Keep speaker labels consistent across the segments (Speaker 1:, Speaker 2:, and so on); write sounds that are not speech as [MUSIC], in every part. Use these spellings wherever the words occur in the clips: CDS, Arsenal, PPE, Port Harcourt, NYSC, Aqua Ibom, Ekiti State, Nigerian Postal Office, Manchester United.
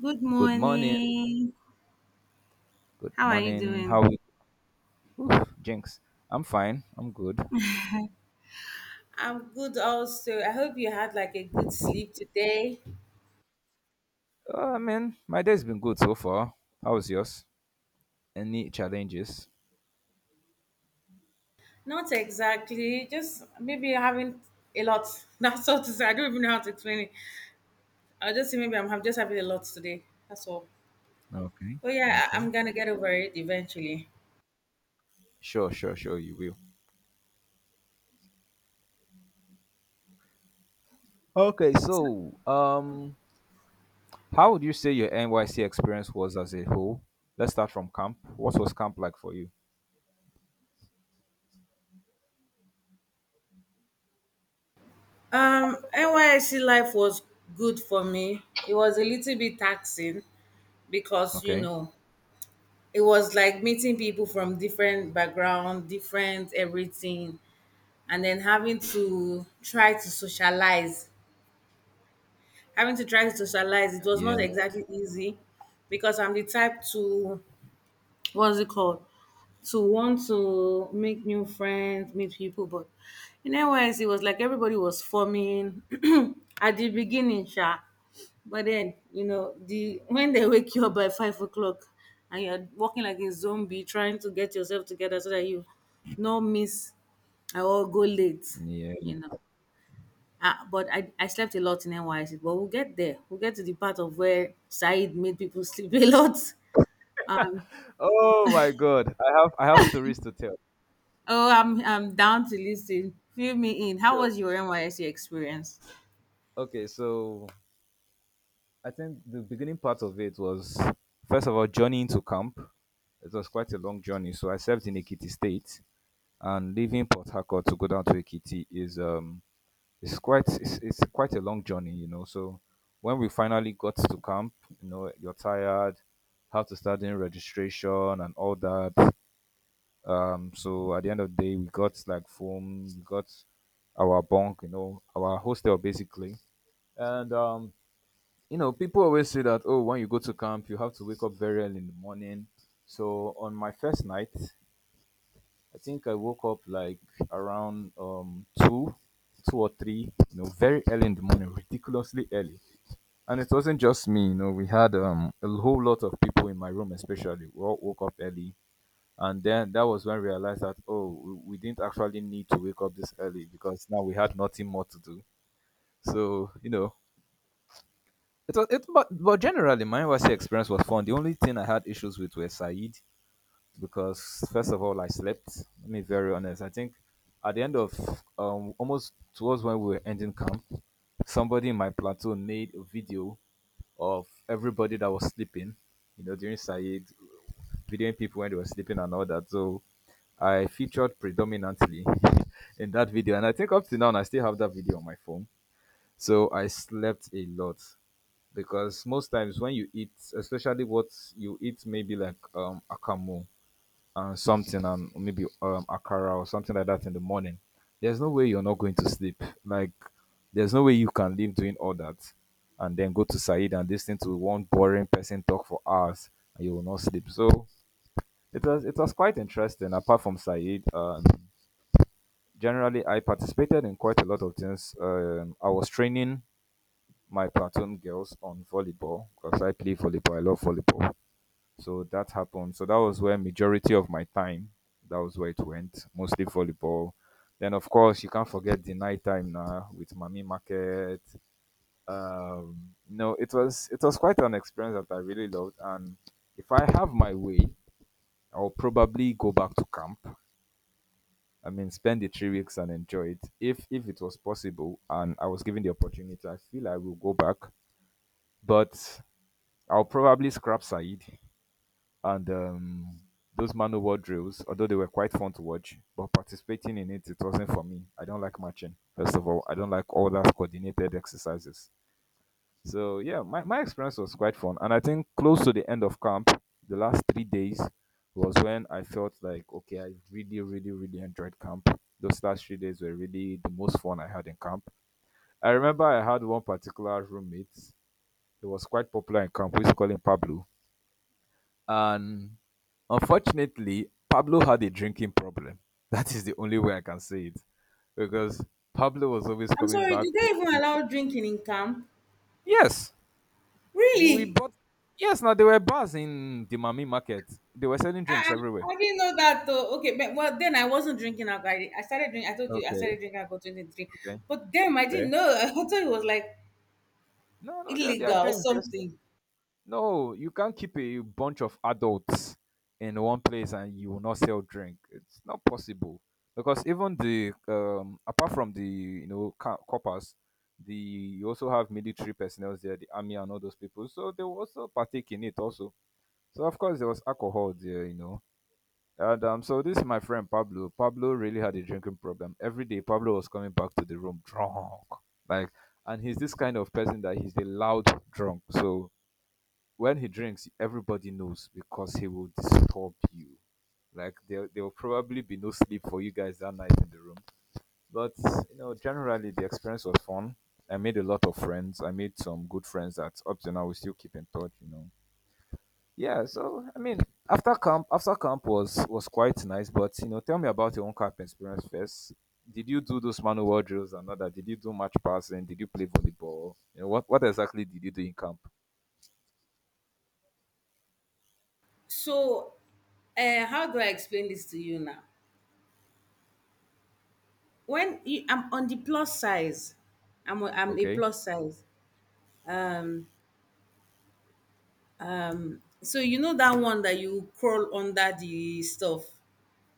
Speaker 1: Good
Speaker 2: Good morning.
Speaker 1: morning.
Speaker 2: Good
Speaker 1: How are you
Speaker 2: morning. How
Speaker 1: doing?
Speaker 2: are you? Oof, Jinx. I'm fine. I'm good.
Speaker 1: I'm good also. I hope you had like a good sleep today.
Speaker 2: I mean, my day's been good so far. How was yours? Any challenges?
Speaker 1: Not exactly, just maybe having a lot. [LAUGHS] That's all to say. I don't even know how to explain it. I'll just say maybe I'm just having a lot today. That's all.
Speaker 2: Okay.
Speaker 1: But yeah, I'm
Speaker 2: Okay.
Speaker 1: gonna get over it eventually.
Speaker 2: Sure, sure, sure. You will. Okay. So, how would you say your NYC experience was as a whole? Let's start from camp. What was camp like for you?
Speaker 1: NYC life was good for me. It was a little bit taxing because you
Speaker 2: Okay.
Speaker 1: know it was like meeting people from different background, different everything, and then having to try to socialize. It was
Speaker 2: Yeah.
Speaker 1: not exactly easy because I'm the type to, what's it called, to want to make new friends, meet people, but in NYS it was like everybody was forming [CLEARS THROAT] at the beginning sha. But then you know the when they wake you up by 5 o'clock and you're walking like a zombie trying to get yourself together so that you no miss. I will go late,
Speaker 2: Yeah.
Speaker 1: you know. Ah, but I slept a lot in NYSC, but we'll get there. We'll get to the part of where Said made people sleep [LAUGHS] a lot. Um,
Speaker 2: Oh my God. I have stories to tell.
Speaker 1: oh, I'm down to listen. Fill me in. How
Speaker 2: Sure.
Speaker 1: was your NYSC experience?
Speaker 2: Okay. So I think the beginning part of it was, first of all, journeying to camp. It was quite a long journey. So I served in Ekiti State, and leaving Port Harcourt to go down to Ekiti is it's quite a long journey. So when we finally got to camp, you know, you're tired, how to start doing registration and all that. So at the end of the day, we got like foam, we got our bunk, you know, our hostel basically, and you know, people always say that, oh, when you go to camp, you have to wake up very early in the morning. So on my first night, I think I woke up like around two or three, you know, very early in the morning, ridiculously early. And it wasn't just me, you know, we had a whole lot of people in my room, especially. We all woke up early. And then that was when I realized that, oh, we didn't actually need to wake up this early because now we had nothing more to do. So, you know, it was it, but generally my NYC experience was fun. The only thing I had issues with were Said because first of all I slept. Let me be very honest. I think at the end of almost towards when we were ending camp, somebody in my platoon made a video of everybody that was sleeping. You know, during Said, videoing people when they were sleeping and all that. So I featured predominantly [LAUGHS] in that video, and I think up to now I still have that video on my phone. So I slept a lot because most times when you eat, especially what you eat, maybe like akamu and something, and maybe akara or something like that in the morning, there's no way you're not going to sleep. Like there's no way you can live doing all that and then go to Said and listen to one boring person talk for hours and you will not sleep. So it was quite interesting. Apart from Said, generally I participated in quite a lot of things. I was training my platoon girls on volleyball because I play volleyball. I love volleyball. So that happened. So that was where majority of my time, that was where it went, mostly volleyball. Then of course you can't forget the night time now with Mummy Market. No, it was quite an experience that I really loved, and if I have my way, I'll probably go back to camp. I mean, spend the 3 weeks and enjoy it if it was possible, and I was given the opportunity. I feel I will go back, but I'll probably scrap Said and those man-o-war drills, although they were quite fun to watch, but participating in it, it wasn't for me. I don't like marching. First of all, I don't like all that coordinated exercises. So yeah, my experience was quite fun. And I think close to the end of camp, the last 3 days was when I felt like, okay, I really, really, really enjoyed camp. Those last 3 days were really the most fun I had in camp. I remember I had one particular roommate. He was quite popular in camp. We used to call him Pablo. And unfortunately, Pablo had a drinking problem. [LAUGHS] That is the only way I can say it. Because Pablo was always
Speaker 1: I'm
Speaker 2: coming
Speaker 1: sorry,
Speaker 2: back
Speaker 1: did
Speaker 2: to
Speaker 1: they
Speaker 2: the
Speaker 1: even
Speaker 2: room.
Speaker 1: allow drinking in camp?
Speaker 2: Yes, we
Speaker 1: Really?
Speaker 2: bought. Yes, now there were bars in the Mami market. They were selling drinks
Speaker 1: Ah, ah,
Speaker 2: everywhere.
Speaker 1: I didn't know that though. Okay, but, well then I wasn't drinking alcohol. I started drinking. I told you I
Speaker 2: Okay,
Speaker 1: started drinking alcohol 23,
Speaker 2: okay,
Speaker 1: but damn, I didn't
Speaker 2: fair.
Speaker 1: know. [LAUGHS] I thought it was like
Speaker 2: No, no, there are
Speaker 1: illegal or
Speaker 2: drinks. There's
Speaker 1: something.
Speaker 2: no, you can't keep a bunch of adults in one place and you will not sell drink. It's not possible because even the apart from the you know coppers, the you also have military personnel there, the army and all those people. So they will also partake in it also. So of course there was alcohol there, you know. And so this is my friend Pablo. Pablo really had a drinking problem. Every day Pablo was coming back to the room drunk, like, and he's this kind of person that he's a loud drunk. So when he drinks, everybody knows because he will disturb you. Like there will probably be no sleep for you guys that night in the room. But you know, generally the experience was fun. I made a lot of friends. I made some good friends that up to now we still keep in touch. You know. Yeah. So I mean, after camp was quite nice. But you know, tell me about your own camp experience first. Did you do those manual drills and all that? Did you do match passing? Did you play volleyball? You know, what exactly did you do in camp?
Speaker 1: So, how do I explain this to you now? When you, I'm on the plus size, I'm a
Speaker 2: Okay.
Speaker 1: plus size. Um, so you know that one that you crawl under the stuff,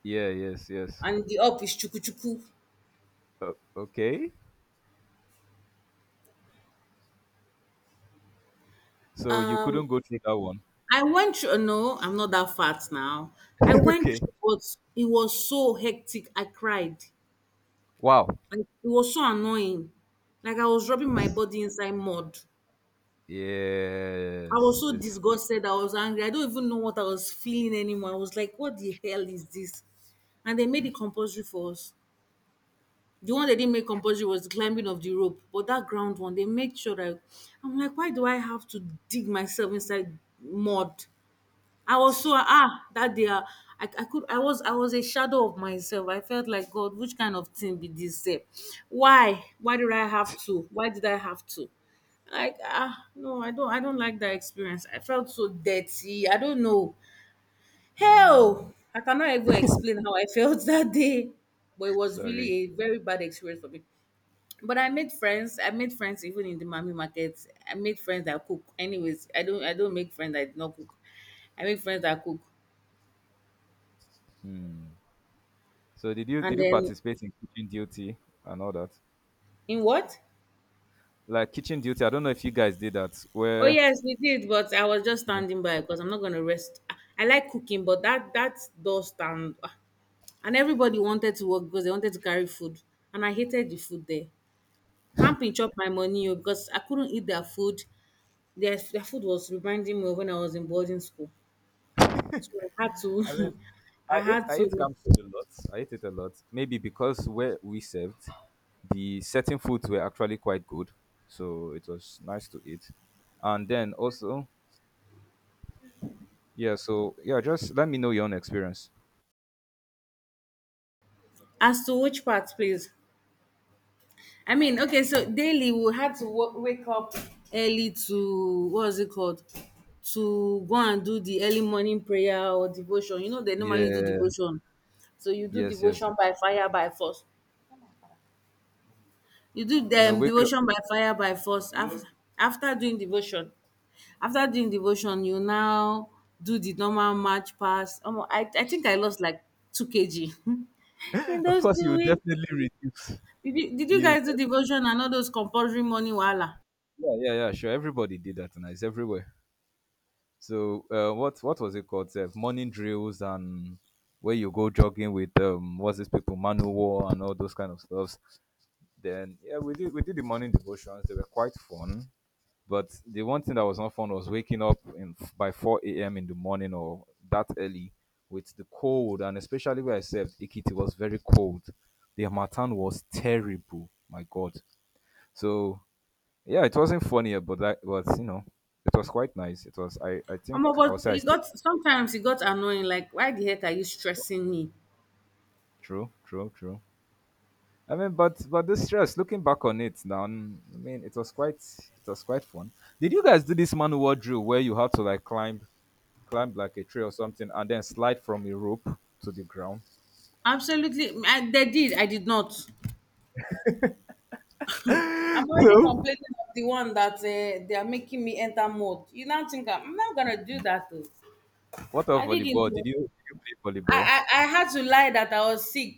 Speaker 2: Yeah. Yes. Yes.
Speaker 1: and the up is chuku chuku.
Speaker 2: O- okay. So you
Speaker 1: Um,
Speaker 2: couldn't go through that one.
Speaker 1: I went through. No, I'm not that fat now. I
Speaker 2: [LAUGHS]
Speaker 1: went
Speaker 2: Okay.
Speaker 1: through, but it was so hectic. I cried.
Speaker 2: Wow.
Speaker 1: Like, it was so annoying. Like I was rubbing my body inside mud. I
Speaker 2: Yes.
Speaker 1: was so
Speaker 2: It's,
Speaker 1: disgusted. I was angry. I don't even know what I was feeling anymore. I was like, what the hell is this? And they made it compulsory for us. The one they didn't make compulsory was the climbing of the rope. But that ground one, they made sure that I'm like, why do I have to dig myself inside mud? I was so ah that day ah, I could I was a shadow of myself. I felt like God, which kind of thing be this? Sef? Why? Why did I have to? Why did I have to? Like ah no, I don't like that experience. I felt so dirty. I don't know. Hell, I cannot even explain how I felt [LAUGHS] that day. But it was really
Speaker 2: sorry.
Speaker 1: a very bad experience for me. But I made friends. I made friends even in the mommy market. I made friends that cook. Anyways, I don't make friends that did not cook. I make friends that cook.
Speaker 2: Hmm. So did
Speaker 1: And
Speaker 2: you
Speaker 1: then
Speaker 2: participate in kitchen duty and all that?
Speaker 1: in what?
Speaker 2: Like kitchen duty, I don't know if you guys did that.
Speaker 1: Oh
Speaker 2: Where
Speaker 1: yes, we did, but I was just standing by because I'm not gonna rest. I like cooking, but that does stand. Ah. And everybody wanted to work because they wanted to carry food, and I hated the food there. Camping chop my money oh, because I couldn't eat their food. Their food was reminding me of when I was in boarding school, so I had
Speaker 2: I mean,
Speaker 1: to, [LAUGHS] I had
Speaker 2: I ate
Speaker 1: to.
Speaker 2: camp food a lot. I ate it a lot. Maybe because where we served, the certain foods were actually quite good, so it was nice to eat. And then also, yeah. So yeah, just let me know your own experience.
Speaker 1: As to which part, please? I mean, okay, so daily we had to wake up early to, what was it called? To go and do the early morning prayer or devotion. You know, they normally do
Speaker 2: Yeah.
Speaker 1: devotion. So you do
Speaker 2: Yes, yes,
Speaker 1: devotion
Speaker 2: yes.
Speaker 1: by fire by force. You do
Speaker 2: You know,
Speaker 1: them
Speaker 2: we could,
Speaker 1: devotion by fire by force. After doing devotion, you now do the normal march pass. Omo, I think I lost like 2 kg [LAUGHS] in
Speaker 2: of
Speaker 1: those
Speaker 2: course, you
Speaker 1: two
Speaker 2: would
Speaker 1: weeks.
Speaker 2: definitely reduce.
Speaker 1: Did you
Speaker 2: You,
Speaker 1: guys do devotion and all those compulsory morning wahala?
Speaker 2: yeah, yeah, yeah, sure. Everybody did that, and it's everywhere. So, what was it called? Sef? Morning drills and where you go jogging with what's this people, Manual and all those kind of stuffs. Then, yeah, we did the morning devotions. They were quite fun. But the one thing that was not fun was waking up in, by 4 a.m. in the morning or that early with the cold. And especially where I served, Ikiti was very cold. The Hamatan was terrible. My God. So, yeah, it wasn't funny, but that was, you know, it was quite nice. It was, I think,
Speaker 1: Omo,
Speaker 2: I would
Speaker 1: but
Speaker 2: say I
Speaker 1: it
Speaker 2: stayed.
Speaker 1: got sometimes it got annoying. Like, why the heck are you stressing me?
Speaker 2: True, true, true. I mean, but the stress. Looking back on it now, mm, I mean, it was quite fun. Did you guys do this manual drill where you had to like climb like a tree or something, and then slide from a rope to the ground. [GASPS]
Speaker 1: Absolutely, I, they did. I did not. I'm
Speaker 2: [LAUGHS]
Speaker 1: already
Speaker 2: So,
Speaker 1: complaining of the one that they are making me enter mode. You now think I'm not gonna do that. Though.
Speaker 2: what of
Speaker 1: I didn't.
Speaker 2: volleyball? Did you play volleyball?
Speaker 1: I had to lie that I was sick.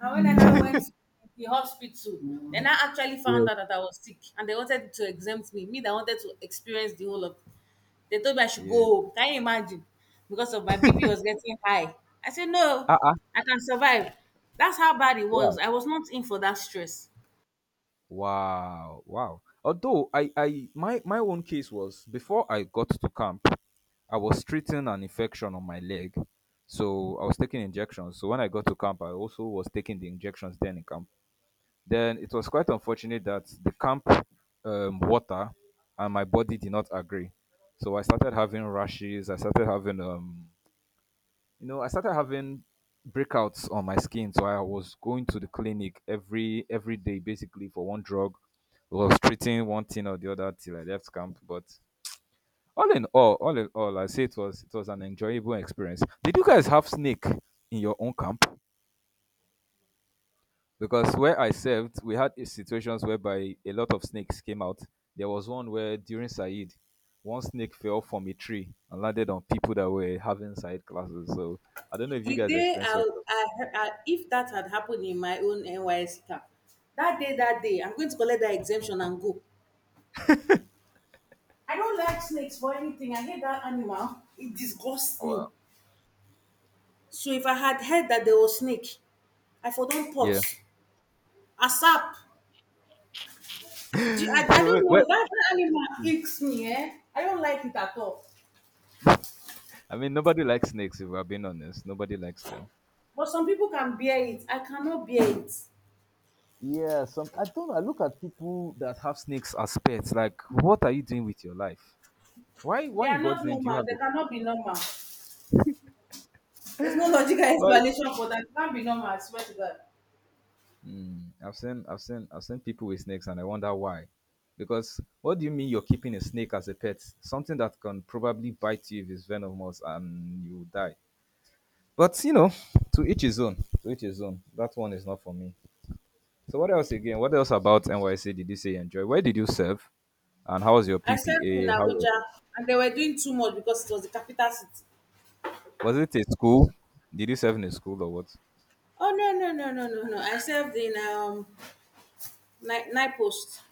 Speaker 1: And when I now went to the hospital, then I actually
Speaker 2: Yeah.
Speaker 1: found out that I was sick, and they wanted to exempt me. Me, that wanted to experience the whole of. They told me I should go
Speaker 2: Yeah.
Speaker 1: home. Can you imagine? Because of my BP was getting high. I said, no,
Speaker 2: Ah, ah.
Speaker 1: I can survive. That's how bad it
Speaker 2: Wow.
Speaker 1: was. I was not in for that stress.
Speaker 2: Wow. Wow. Although my own case was before I got to camp, I was treating an infection on my leg. So I was taking injections. So when I got to camp, I also was taking the injections then in camp. Then it was quite unfortunate that the camp water and my body did not agree. So I started having rashes. I started having, you know, I started having breakouts on my skin. So I was going to the clinic every day, basically for one drug. I was treating one thing or the other till I left camp. But all in all, I say it was an enjoyable experience. Did you guys have snake in your own camp? Because where I served, we had situations whereby a lot of snakes came out. There was one where during Saeed, one snake fell from a tree and landed on people that were having Saeed classes. So I don't know if you
Speaker 1: The
Speaker 2: guys
Speaker 1: day
Speaker 2: experienced all that.
Speaker 1: I if that had happened in my own NYS camp, that day, I'm going to collect that exemption and go. I don't like snakes for anything. I hate that animal. It disgusts
Speaker 2: Wow.
Speaker 1: me. So if I had heard that there was snake, I for don pot.
Speaker 2: Yeah.
Speaker 1: ASAP.
Speaker 2: [LAUGHS]
Speaker 1: I
Speaker 2: So wait,
Speaker 1: don't
Speaker 2: wait.
Speaker 1: know that, that animal icks me eh, I don't like it at all.
Speaker 2: I mean, nobody likes snakes. If we're being honest, nobody likes them.
Speaker 1: But some people can bear it, I cannot bear it.
Speaker 2: Yeah. Some I don't know, I look at people that have snakes as pets. Like, what are you doing with your life? Why?
Speaker 1: They
Speaker 2: Why in
Speaker 1: are
Speaker 2: God's
Speaker 1: not
Speaker 2: name do you
Speaker 1: normal,
Speaker 2: have
Speaker 1: they
Speaker 2: it?
Speaker 1: cannot be normal. There's no logical
Speaker 2: [LAUGHS]
Speaker 1: explanation for that, it can't be normal, I swear to God.
Speaker 2: Mm, I've seen people with snakes and I wonder why. Because what do you mean you're keeping a snake as a pet? Something that can probably bite you if it's venomous and you die. But you know, to each his own. To each his own. That one is not for me. So what else again? What else about NYC did you say you enjoy? Where did you serve? And how was your
Speaker 1: I served in
Speaker 2: PPA?
Speaker 1: Abuja and they were doing too much because it was the capital city.
Speaker 2: Was it a school? Did you serve in a school or what?
Speaker 1: Oh no no no no no no I served in night post,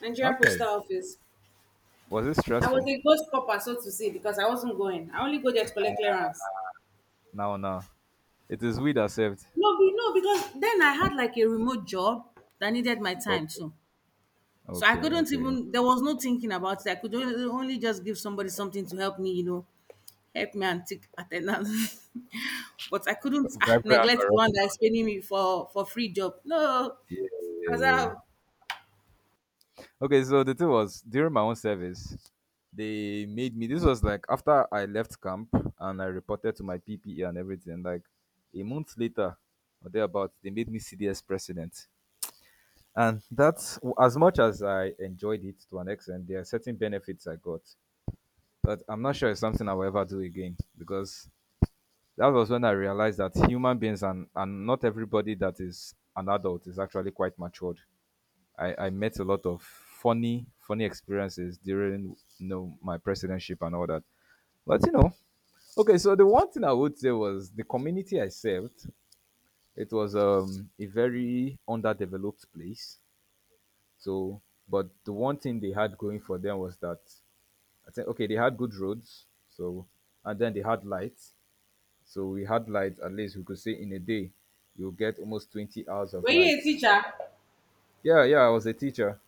Speaker 1: Nigerian
Speaker 2: Okay.
Speaker 1: Postal Office.
Speaker 2: Was it
Speaker 1: I was
Speaker 2: stressful?
Speaker 1: a ghost copper so to say because I wasn't going, I only go there to collect clearance.
Speaker 2: No, no. It is we that served.
Speaker 1: No, be no, because then I had like a remote job that needed my time
Speaker 2: Okay,
Speaker 1: too. So I
Speaker 2: okay,
Speaker 1: couldn't
Speaker 2: okay. Okay.
Speaker 1: even, there was no thinking about it. I could only just give somebody something to help me, you know, help me and take attendance. [LAUGHS] But I couldn't ah,
Speaker 2: Bribery and
Speaker 1: neglect the one
Speaker 2: corruption.
Speaker 1: that is paying me for free job. No,
Speaker 2: Yeah, yeah,
Speaker 1: as
Speaker 2: yeah.
Speaker 1: a.
Speaker 2: Okay, so the thing was during my own service, they made me. This was like after I left camp and I reported to my PPE and everything. Like a month later or thereabout, they made me CDS president. And that's as much as I enjoyed it to an extent. There are certain benefits I got, but I'm not sure it's something I will ever do again, because that was when I realized that human beings and not everybody that is an adult is actually quite matured. I met a lot of funny, funny experiences during my presidency and all that. But okay, so the one thing I would say was the community I served, it was a very underdeveloped place. So, but the one thing they had going for them was that, I think, okay, they had good roads, so, and then they had lights. So we had lights. At least we could say in a day you get almost 20 hours of
Speaker 1: Were you a
Speaker 2: lights.
Speaker 1: teacher?
Speaker 2: Yeah, yeah, I was a teacher.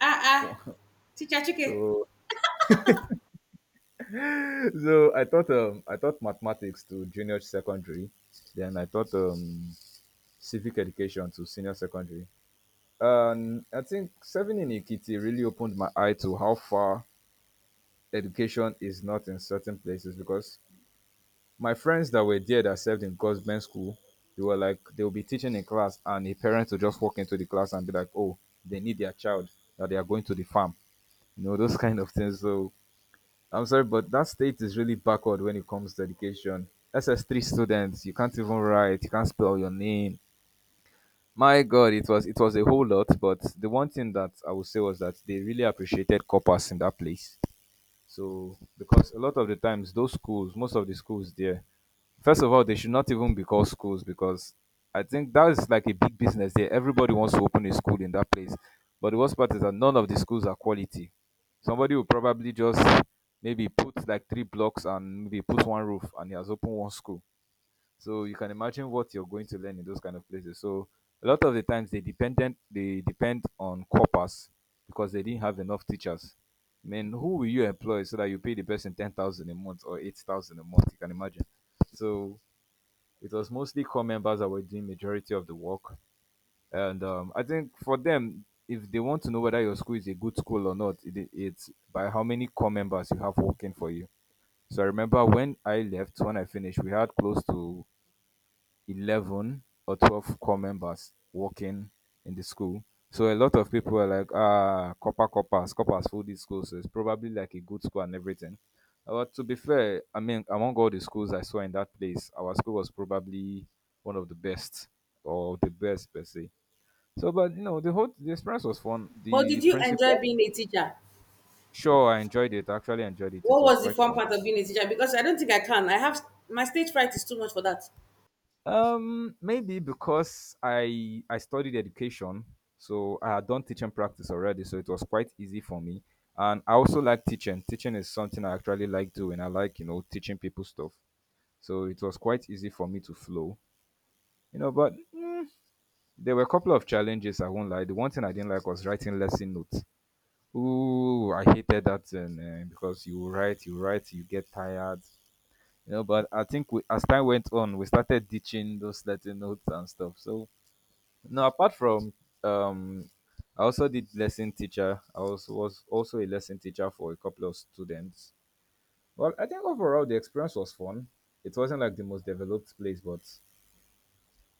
Speaker 1: Ah ah,
Speaker 2: [LAUGHS]
Speaker 1: teacher chicken.
Speaker 2: So so I taught mathematics to junior secondary. Then I taught civic education to senior secondary. And I think serving in Ikiti really opened my eye to how far education is not in certain places, because my friends that were there that served in government school, they were like, they'll be teaching in class and a parent will just walk into the class and be like, "Oh, they need their child, that they are going to the farm." You know, those [LAUGHS] kind of things. So I'm sorry, but that state is really backward when it comes to education. SS3 students, you can't even write, you can't spell your name. My God, it was a whole lot. But the one thing that I would say was that they really appreciated coppers in that place. So, because a lot of the times, those schools, most of the schools there, first of all, they should not even be called schools, because I think that is like a big business there. Everybody wants to open a school in that place. But the worst part is that none of the schools are quality. Somebody will probably just maybe put like three blocks and maybe put one roof and he has opened one school. So you can imagine what you're going to learn in those kind of places. So a lot of the times they depend on corpus because they didn't have enough teachers. I mean, who will you employ so that you pay the person 10,000 a month or 8,000 a month? You can imagine. So it was mostly core members that were doing majority of the work, and I think for them, if they want to know whether your school is a good school or not, it's by how many core members you have working for you. So I remember when I left, when I finished, we had close to 11 or 12 core members working in the school. So a lot of people are like, "Ah, copper, coppers, coppers full this school. So it's probably like a good school," and everything. But to be fair, I mean, among all the schools I saw in that place, our school was probably one of the best, or the best per se. So, but you know, the experience was fun.
Speaker 1: But
Speaker 2: The
Speaker 1: did you enjoy
Speaker 2: principal,
Speaker 1: being a teacher?
Speaker 2: sure, I enjoyed it. I actually enjoyed it. It
Speaker 1: What
Speaker 2: was
Speaker 1: was the
Speaker 2: quite
Speaker 1: fun
Speaker 2: fun.
Speaker 1: part of being a teacher? Because I don't think I can. I have, my stage fright is too much for that.
Speaker 2: Maybe because I studied education, so I had done teaching practice already, so it was quite easy for me. And I also like teaching. Teaching is something I actually like doing. I like teaching people stuff, so it was quite easy for me to flow. You know, but there were a couple of challenges. I won't lie. The one thing I didn't like was writing lesson notes. Ooh, I hated that thing, eh, because you write, you write, you get tired. You know, but I think we, as time went on, we started ditching those lesson notes and stuff. So no, apart from um, I also did lesson teacher. I was also a lesson teacher for a couple of students. Well, I think overall the experience was fun. It wasn't like the most developed place, but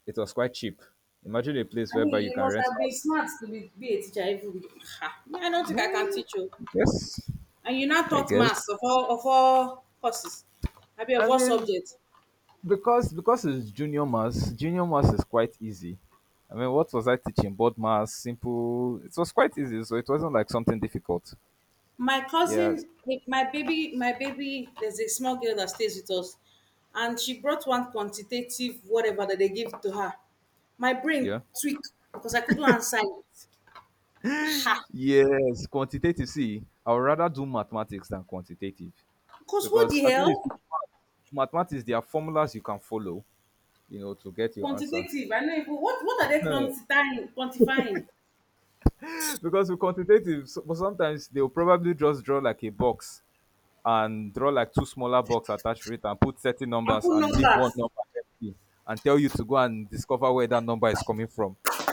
Speaker 2: it was quite cheap. Imagine a place
Speaker 1: I
Speaker 2: whereby
Speaker 1: mean,
Speaker 2: you
Speaker 1: you
Speaker 2: can
Speaker 1: must
Speaker 2: rent
Speaker 1: have been
Speaker 2: house.
Speaker 1: smart to be a teacher. Even ha, me, I don't think I
Speaker 2: Yeah,
Speaker 1: can teach you.
Speaker 2: yes,
Speaker 1: And you now
Speaker 2: I
Speaker 1: taught maths
Speaker 2: guess.
Speaker 1: of all courses, I mean
Speaker 2: I
Speaker 1: of all
Speaker 2: mean,
Speaker 1: subjects.
Speaker 2: because it's junior mass. Junior mass is quite easy. I mean, what was I teaching? Board mass, simple. It was quite easy, so it wasn't like something difficult.
Speaker 1: My
Speaker 2: Yeah,
Speaker 1: cousin, like, my baby. There's a small girl that stays with us, and she brought one quantitative whatever that they give to her. My brain
Speaker 2: yeah.
Speaker 1: tweaked because I couldn't answer it. Ha!
Speaker 2: Yes, quantitative. See, I would rather do mathematics than quantitative,
Speaker 1: Because what the
Speaker 2: because at least with
Speaker 1: hell?
Speaker 2: mathematics, there are formulas you can follow, you know, to get your answer.
Speaker 1: Quantitative. I know. If, what are they quantifying? Quantifying
Speaker 2: [LAUGHS] Because with quantitative, so, but sometimes they'll probably just draw like a box and draw like two smaller box attached to it and put certain
Speaker 1: and
Speaker 2: numbers
Speaker 1: put
Speaker 2: and leave
Speaker 1: numbers.
Speaker 2: one number empty and tell you to go and discover where that number is coming from. [LAUGHS]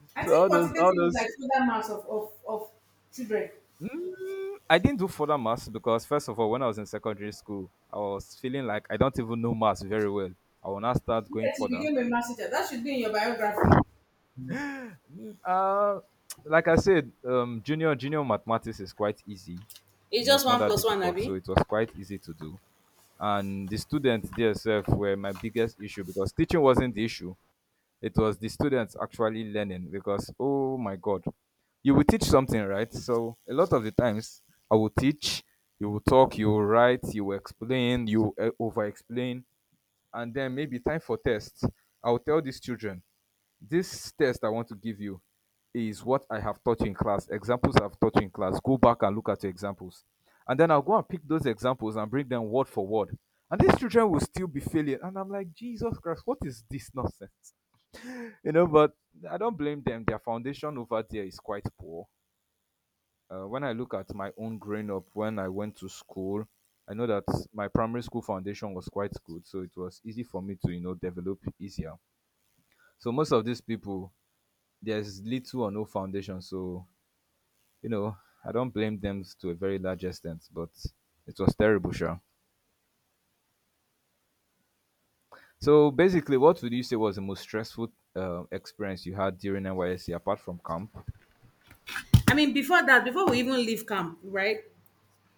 Speaker 2: So,
Speaker 1: I
Speaker 2: so all
Speaker 1: think
Speaker 2: those, all
Speaker 1: quantitative is
Speaker 2: those
Speaker 1: like total mass of, of children.
Speaker 2: I didn't do further maths, because first of all, when I was in secondary school, I was feeling like I don't even know maths very well. I will not start going
Speaker 1: Yes, you
Speaker 2: further.
Speaker 1: became a master teacher. That should be in your biography.
Speaker 2: Uh, like I said, junior mathematics is quite easy. You
Speaker 1: It's
Speaker 2: know,
Speaker 1: just
Speaker 2: it's not
Speaker 1: one
Speaker 2: that
Speaker 1: plus one,
Speaker 2: difficult, so
Speaker 1: Abby.
Speaker 2: it was quite easy to do. And the students themselves were my biggest issue, because teaching wasn't the issue. It was the students actually learning, because, oh my God, you will teach something, right? So a lot of the times I will teach, you will talk, you will write, you will explain, you will over explain, and then maybe time for test. I will tell these children, this test I want to give you is what I have taught you in class, examples I've taught you in class. Go back and look at your examples. And then I'll go and pick those examples and bring them word for word. And these children will still be failing. And I'm like, "Jesus Christ, what is this nonsense?" You know, but I don't blame them. Their foundation over there is quite poor. When I look at my own growing up, when I went to school, I know that my primary school foundation was quite good, so it was easy for me to develop easier. So most of these people, there's little or no foundation, so you know I don't blame them to a very large extent, but it was terrible, sure. So basically, what would you say was the most stressful experience you had during NYSC apart from camp?
Speaker 1: I mean, before that, before we even leave camp, right?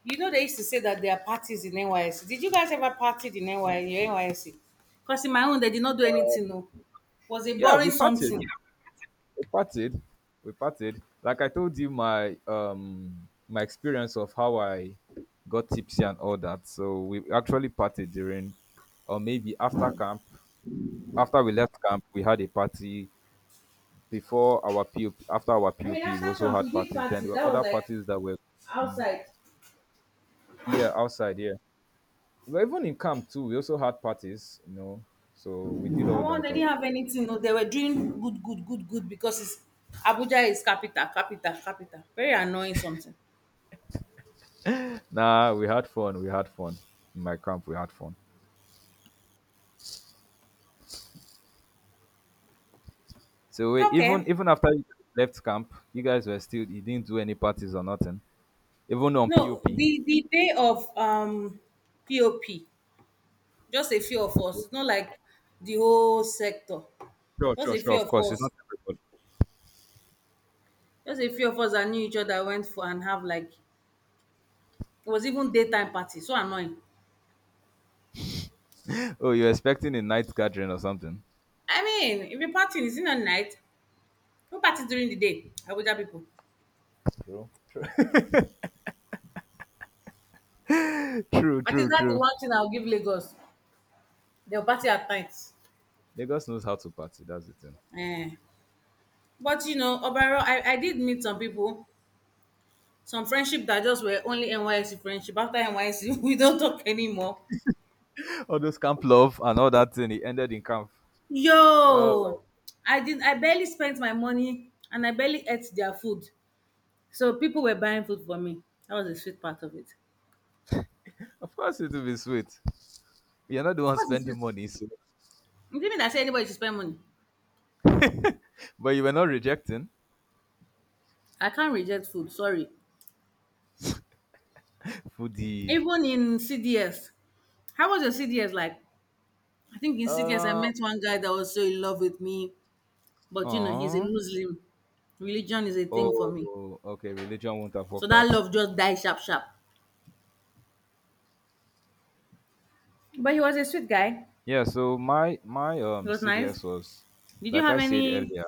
Speaker 1: You know, they used to say that there are parties in NYSC. Did you guys ever party in NY, your NYSC? Because in my own, they did not do anything, no. Was it
Speaker 2: Yeah,
Speaker 1: boring?
Speaker 2: we partied.
Speaker 1: Something?
Speaker 2: we parted we parted, like I told you, my experience of how I got tipsy and all that. So we actually parted during or maybe after camp. After we left camp, we had a party. Before our pop, after our
Speaker 1: I mean,
Speaker 2: pop, we
Speaker 1: after
Speaker 2: also
Speaker 1: camp,
Speaker 2: had
Speaker 1: we did
Speaker 2: parties. Then there
Speaker 1: parties.
Speaker 2: were
Speaker 1: That was
Speaker 2: other
Speaker 1: like
Speaker 2: parties that were,
Speaker 1: outside.
Speaker 2: yeah, outside here. Well, even in camp too we also had parties, so we did
Speaker 1: I
Speaker 2: all
Speaker 1: want.
Speaker 2: that.
Speaker 1: They didn't have anything, no, they were doing good because it's, Abuja is capital, very annoying something.
Speaker 2: Nah, we had fun. We had fun in my camp. We had fun. So we, even
Speaker 1: Okay,
Speaker 2: even after you left camp, you guys were still, you didn't do any parties or nothing. Even on
Speaker 1: no,
Speaker 2: POP.
Speaker 1: the day of POP, just a few of us. It's not like the whole sector.
Speaker 2: Sure,
Speaker 1: just
Speaker 2: sure,
Speaker 1: a
Speaker 2: sure.
Speaker 1: few
Speaker 2: Of
Speaker 1: of
Speaker 2: course, it's
Speaker 1: us
Speaker 2: not everybody.
Speaker 1: just a few of us that knew each other went for and have like, it was even daytime party, so annoying.
Speaker 2: Oh, you're expecting a night gathering or something?
Speaker 1: I mean if you're partying is it not night? No party during the day, Abuja people.
Speaker 2: True, true, [LAUGHS] true,
Speaker 1: At
Speaker 2: true,
Speaker 1: least that's the
Speaker 2: true.
Speaker 1: one thing I'll give Lagos, they'll party at night.
Speaker 2: Lagos knows how to party. That's the thing.
Speaker 1: Eh, but you know, overall, I did meet some people, some friendship that just were only NYSC friendship. After NYSC, [LAUGHS] we don't talk anymore.
Speaker 2: All those camp love and all that thing. It ended in camp. Oh, my.
Speaker 1: Yo, I did. I barely spent my money, and I barely ate their food. So people were buying food for me. That was the sweet part of it.
Speaker 2: Of course it will be sweet. You're not the
Speaker 1: Of
Speaker 2: one
Speaker 1: course, it's
Speaker 2: spending
Speaker 1: sweet.
Speaker 2: money, so.
Speaker 1: It didn't mean I said anybody should spend money.
Speaker 2: But you were not rejecting
Speaker 1: I can't reject food. Sorry.
Speaker 2: for the.
Speaker 1: Even in CDS, how was your CDS like? I think in CDS I
Speaker 2: Uh,
Speaker 1: met one guy that was so in love with me. But you know, he's a
Speaker 2: Aw.
Speaker 1: Muslim. Religion is a thing for me.
Speaker 2: Oh, okay. Religion won't have
Speaker 1: So
Speaker 2: worked out.
Speaker 1: that love just died sharp sharp. But he was a sweet guy.
Speaker 2: Yeah, so my my
Speaker 1: He
Speaker 2: um
Speaker 1: was nice.
Speaker 2: CDS was
Speaker 1: Did you
Speaker 2: like I
Speaker 1: have
Speaker 2: said
Speaker 1: any
Speaker 2: earlier.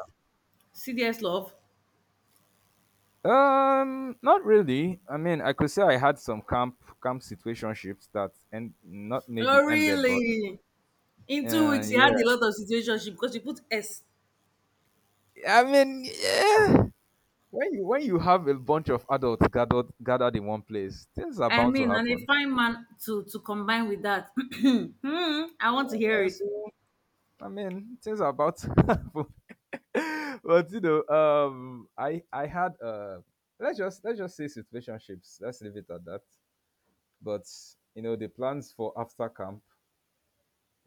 Speaker 1: serious love?
Speaker 2: Not really. I mean, I could say I had some camp situationships that and not maybe
Speaker 1: Oh
Speaker 2: ended, but
Speaker 1: really? In two weeks he
Speaker 2: yeah.
Speaker 1: had a lot of situationship because you put S.
Speaker 2: I mean, yeah. When you have a bunch of adults gathered in one place, things are
Speaker 1: I
Speaker 2: bound to
Speaker 1: mean, and a
Speaker 2: happen.
Speaker 1: fine man to combine with that. [CLEARS THROAT] Hmm, I want to hear
Speaker 2: Yeah,
Speaker 1: it.
Speaker 2: so I mean, things are about to [LAUGHS] happen. [LAUGHS] But I had let's just say situationships. Let's leave it at that. But the plans for after camp,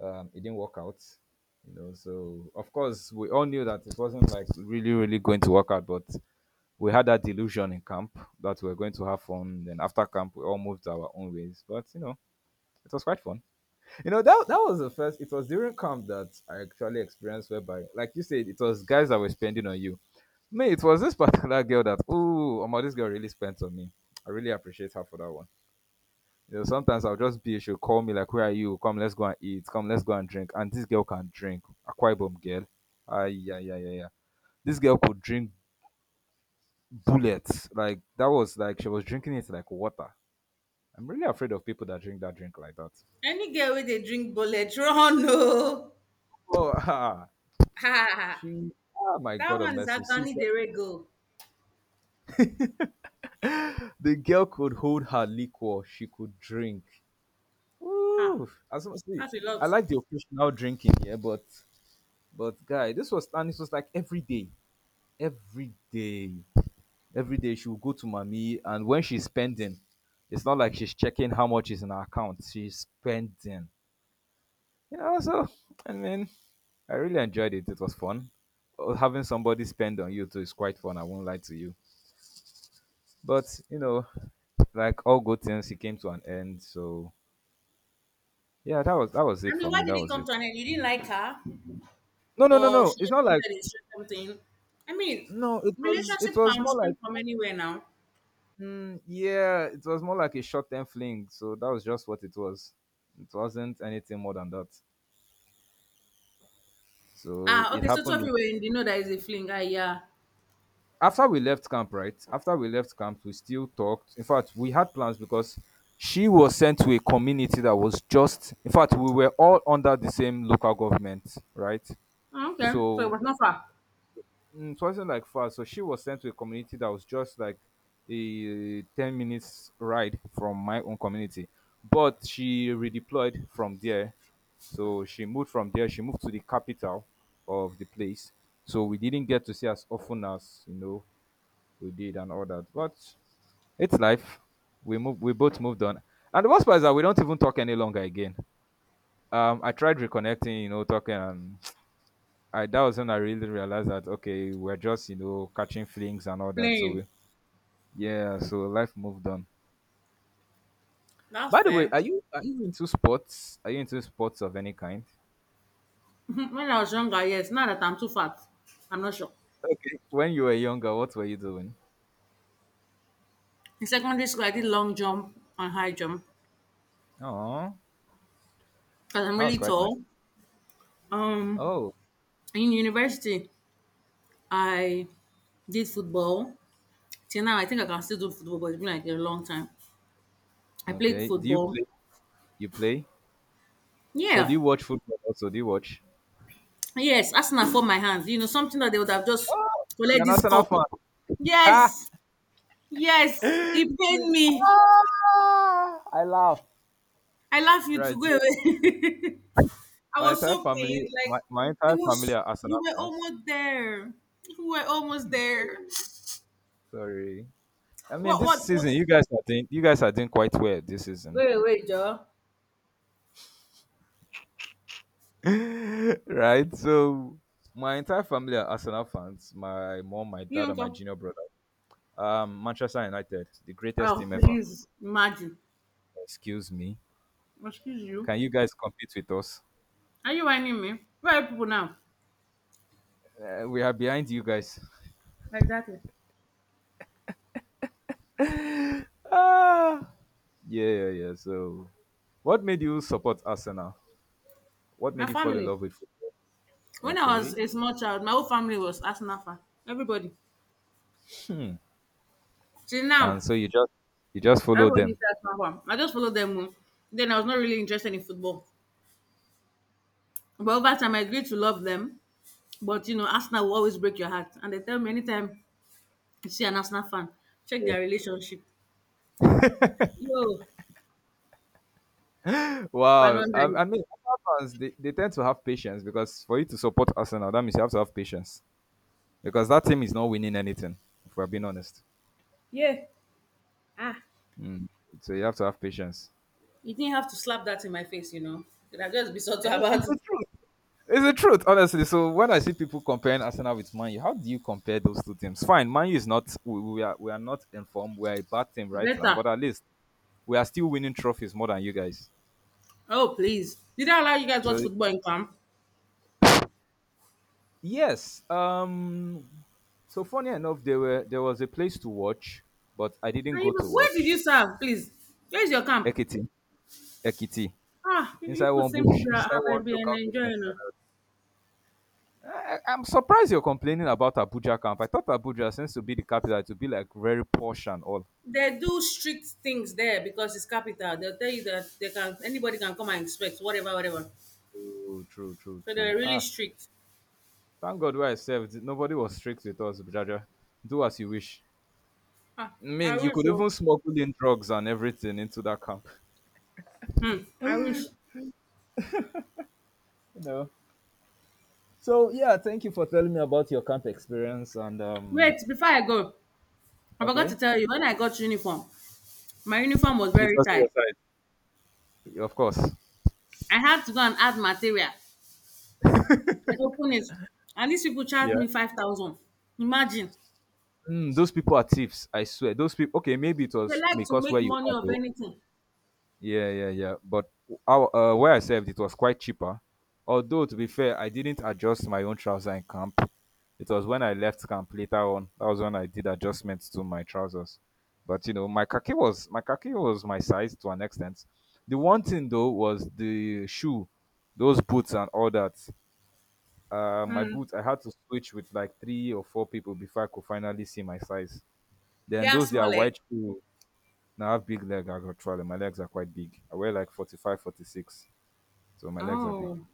Speaker 2: it didn't work out. So of course we all knew that it wasn't like really really going to work out, but we had that delusion in camp that we were going to have fun. Then after camp, we all moved our own ways. But it was quite fun. You know, that was the first. It was during camp that I actually experienced whereby, like you said, it was guys that were spending on you. Me, it was this particular girl that, ooh, my this girl really spent on me. I really appreciate her for that one. You know, sometimes I'll just be, she'll call me like, where are you? Come, let's go and eat. Come, let's go and drink. And this girl can drink. Aqua Ibom girl. Ah, yeah, yeah, yeah, yeah. This girl could drink bullets. Like, that was like, she was drinking it like water. I'm really afraid of people that drink like that.
Speaker 1: Any girl with a drink bullet, [LAUGHS] run no.
Speaker 2: Oh, [LAUGHS] ah,
Speaker 1: Ha!
Speaker 2: she, ah, my
Speaker 1: That
Speaker 2: God of
Speaker 1: one is
Speaker 2: mercy. See,
Speaker 1: Agani Derego.
Speaker 2: the girl could hold her liquor. She could drink.
Speaker 1: Ha!
Speaker 2: Woo! As I see,
Speaker 1: That's a
Speaker 2: I
Speaker 1: lot.
Speaker 2: like the occasional drinking, yeah, but guy, this was like every day, every day. Every day she will go to mommy, and when she's spending, it's not like she's checking how much is in her account. She's spending, so i mean I really enjoyed it. It was fun. Having somebody spend on you too is quite fun. I won't lie to you, but you know, like all good things, it came to an end. So yeah, that was
Speaker 1: I
Speaker 2: it
Speaker 1: mean,
Speaker 2: for me.
Speaker 1: why did
Speaker 2: That
Speaker 1: he
Speaker 2: was
Speaker 1: come
Speaker 2: it.
Speaker 1: to an end? You didn't like her?
Speaker 2: No, no, no,
Speaker 1: Or she
Speaker 2: no, it's
Speaker 1: just
Speaker 2: not like,
Speaker 1: wanted a certain thing. I mean,
Speaker 2: no, it was it
Speaker 1: relationship
Speaker 2: was
Speaker 1: can
Speaker 2: more like,
Speaker 1: spring from anywhere now.
Speaker 2: yeah, it was more like a short-term fling. So that was just what it was. It wasn't anything more than that. So
Speaker 1: Ah,
Speaker 2: it
Speaker 1: okay, so two
Speaker 2: happened
Speaker 1: of
Speaker 2: in,
Speaker 1: you were in the know that is a fling. Ah, yeah.
Speaker 2: After we left camp, right? After we left camp, we still talked. In fact, we had plans because she was sent to a community that was just, in fact, we were all under the same local government, right?
Speaker 1: Ah, okay, so it
Speaker 2: So
Speaker 1: was not far.
Speaker 2: It wasn't like far. So she was sent to a community that was just like a 10-minute minutes ride from my own community. But she redeployed from there. So she moved from there. She moved to the capital of the place. So we didn't get to see as often as, you know, we did and all that. But it's life. We moved, we both moved on. And the worst part is that we don't even talk any longer again. I tried reconnecting, you know, talking, and I, that was when I really realized that okay, we're just, you know, catching flings and all that. So
Speaker 1: Playing.
Speaker 2: yeah, so life moved on.
Speaker 1: That's
Speaker 2: By the way,
Speaker 1: fair.
Speaker 2: are you into sports? Are you into sports of any kind?
Speaker 1: [LAUGHS] When I was younger, yes, now that I'm too fat, I'm not sure.
Speaker 2: Okay. When you were younger, what were you doing?
Speaker 1: In secondary school, I did long jump and high jump
Speaker 2: Oh,
Speaker 1: because I'm
Speaker 2: that was
Speaker 1: really
Speaker 2: quite nice.
Speaker 1: tall. Um,
Speaker 2: Oh,
Speaker 1: in university, I did football. Till now, I think I can still do football, but it's been like a long time. I played
Speaker 2: okay. Do you
Speaker 1: football.
Speaker 2: play? You play? So do
Speaker 1: Yeah,
Speaker 2: you watch football? Also, do you watch?
Speaker 1: yes, Arsenal for my hands. You know, something that they would have just
Speaker 2: Oh,
Speaker 1: collect
Speaker 2: you're an
Speaker 1: this
Speaker 2: Arsenal
Speaker 1: cup.
Speaker 2: fan. Ha!
Speaker 1: Yes, yes, it pained me.
Speaker 2: Ah, I laugh.
Speaker 1: I love you
Speaker 2: Right.
Speaker 1: to go
Speaker 2: So
Speaker 1: away. [LAUGHS] I
Speaker 2: my
Speaker 1: was
Speaker 2: entire
Speaker 1: so
Speaker 2: family,
Speaker 1: pained. Like
Speaker 2: my
Speaker 1: it
Speaker 2: entire family
Speaker 1: was,
Speaker 2: are
Speaker 1: you
Speaker 2: Arsenal
Speaker 1: were
Speaker 2: fans.
Speaker 1: almost there. You were almost
Speaker 2: Hmm.
Speaker 1: there.
Speaker 2: Sorry. I mean,
Speaker 1: What?
Speaker 2: this season you guys are doing quite well this season,
Speaker 1: Wait, Joe.
Speaker 2: [LAUGHS] right? So my entire family are Arsenal fans. My mom, my
Speaker 1: You
Speaker 2: dad,
Speaker 1: don't
Speaker 2: and my
Speaker 1: talk.
Speaker 2: junior brother. Manchester United, the greatest
Speaker 1: Oh,
Speaker 2: team ever.
Speaker 1: please imagine.
Speaker 2: Excuse me.
Speaker 1: Excuse you.
Speaker 2: Can you guys compete with us?
Speaker 1: Are you whining me? Where are people now?
Speaker 2: We are behind you guys.
Speaker 1: Exactly.
Speaker 2: Ah, yeah, yeah, yeah. So, what made you support Arsenal? What
Speaker 1: My
Speaker 2: made you fall in
Speaker 1: family.
Speaker 2: love with football?
Speaker 1: When I was
Speaker 2: Okay.
Speaker 1: a small child, my whole family was Arsenal fan. Everybody.
Speaker 2: Hmm.
Speaker 1: Till now.
Speaker 2: And so you just follow
Speaker 1: Everybody
Speaker 2: them.
Speaker 1: says from, I just followed them. Oh. Then I was not really interested in football. But over time, I grew to love them. But you know, Arsenal will always break your heart. And they tell me anytime you see an Arsenal fan, check
Speaker 2: Yeah.
Speaker 1: their relationship. Yo,
Speaker 2: Wow.
Speaker 1: Fernandez.
Speaker 2: I mean, Arsenal fans, they tend to have patience, because for you to support Arsenal, that means you have to have patience, because that team is not winning anything, if we're being honest.
Speaker 1: Yeah. Ah,
Speaker 2: Mm. So you have to have patience.
Speaker 1: you didn't have to slap that in my face, you know. Could I just be subtle
Speaker 2: Eh, it's
Speaker 1: about
Speaker 2: the
Speaker 1: it?
Speaker 2: truth. It's the truth, honestly. So when I see people comparing Arsenal with Man U, how do you compare those two teams? Fine, Man U is not, we are not informed. We are a bad team right now,
Speaker 1: Better.
Speaker 2: but at least we are still winning trophies more than you guys.
Speaker 1: Oh, please. Did I allow you guys to
Speaker 2: So,
Speaker 1: watch football in camp?
Speaker 2: yes, so funny enough, there was a place to watch, but I didn't
Speaker 1: And
Speaker 2: go
Speaker 1: you-
Speaker 2: to
Speaker 1: where did you
Speaker 2: watch.
Speaker 1: serve, please? Where's your camp?
Speaker 2: Ekiti, Ekiti,
Speaker 1: Ah, you
Speaker 2: inside
Speaker 1: people
Speaker 2: one
Speaker 1: seem to
Speaker 2: bush,
Speaker 1: be
Speaker 2: [LAUGHS] inside one
Speaker 1: having been
Speaker 2: local government.
Speaker 1: enjoying it.
Speaker 2: I'm surprised you're complaining about Abuja camp. I thought Abuja seems to be the capital, to be like very posh and all.
Speaker 1: They do strict things there because it's capital. They'll tell you that they can anybody can come and inspect whatever, whatever.
Speaker 2: True, true, true,
Speaker 1: So they're
Speaker 2: true.
Speaker 1: really
Speaker 2: Ah,
Speaker 1: strict.
Speaker 2: thank God where I served. Nobody was strict with us, Jaja. Do as you wish.
Speaker 1: Ah,
Speaker 2: I
Speaker 1: I
Speaker 2: mean, you
Speaker 1: wish.
Speaker 2: could even
Speaker 1: So.
Speaker 2: smuggle in drugs and everything into that camp.
Speaker 1: Hmm, I wish.
Speaker 2: You know. So yeah, thank you for telling me about your camp experience, and um,
Speaker 1: Wait, before I go, I forgot to
Speaker 2: okay.
Speaker 1: tell you when I got uniform, my uniform was
Speaker 2: It
Speaker 1: very
Speaker 2: wasn't your
Speaker 1: tight.
Speaker 2: side. Of course.
Speaker 1: I had to go and add material and open it. And these people charged
Speaker 2: Yeah.
Speaker 1: me 5,000. Imagine,
Speaker 2: Mm, those people are thieves. I swear. Those people. Okay, maybe it
Speaker 1: they
Speaker 2: was
Speaker 1: like to
Speaker 2: because where
Speaker 1: make
Speaker 2: you
Speaker 1: money
Speaker 2: are
Speaker 1: of
Speaker 2: though.
Speaker 1: anything.
Speaker 2: Yeah, yeah, yeah. But our where I served, it was quite cheaper. Although to be fair, I didn't adjust my own trouser in camp. It was when I left camp later on. That was when I did adjustments to my trousers. But you know, my khaki was my size to an extent. The one thing though was the shoe, those boots and all that. My
Speaker 1: Hmm,
Speaker 2: boots, I had to switch with like three or four people before I could finally see my size.
Speaker 1: they
Speaker 2: Then
Speaker 1: are
Speaker 2: those that
Speaker 1: small
Speaker 2: are
Speaker 1: like.
Speaker 2: white shoe, now I have big leg actually. My legs are quite big. I wear like 45, 46. So my legs are big.
Speaker 1: Oh,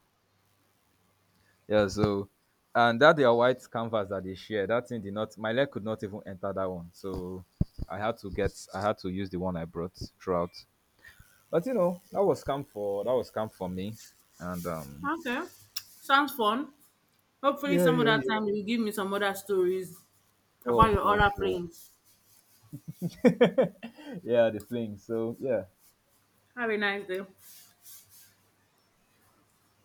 Speaker 2: Yeah, so and that their white canvas that they share, that thing did not, my leg could not even enter that one. So I had to use the one I brought throughout. But you know, that was camp for me. And um,
Speaker 1: okay. Sounds fun. Hopefully,
Speaker 2: yeah,
Speaker 1: some
Speaker 2: yeah,
Speaker 1: other
Speaker 2: yeah.
Speaker 1: time you will give me some other stories
Speaker 2: Sure,
Speaker 1: about your
Speaker 2: sure,
Speaker 1: other
Speaker 2: sure.
Speaker 1: planes.
Speaker 2: [LAUGHS] yeah, the fling. So yeah,
Speaker 1: Have a nice day.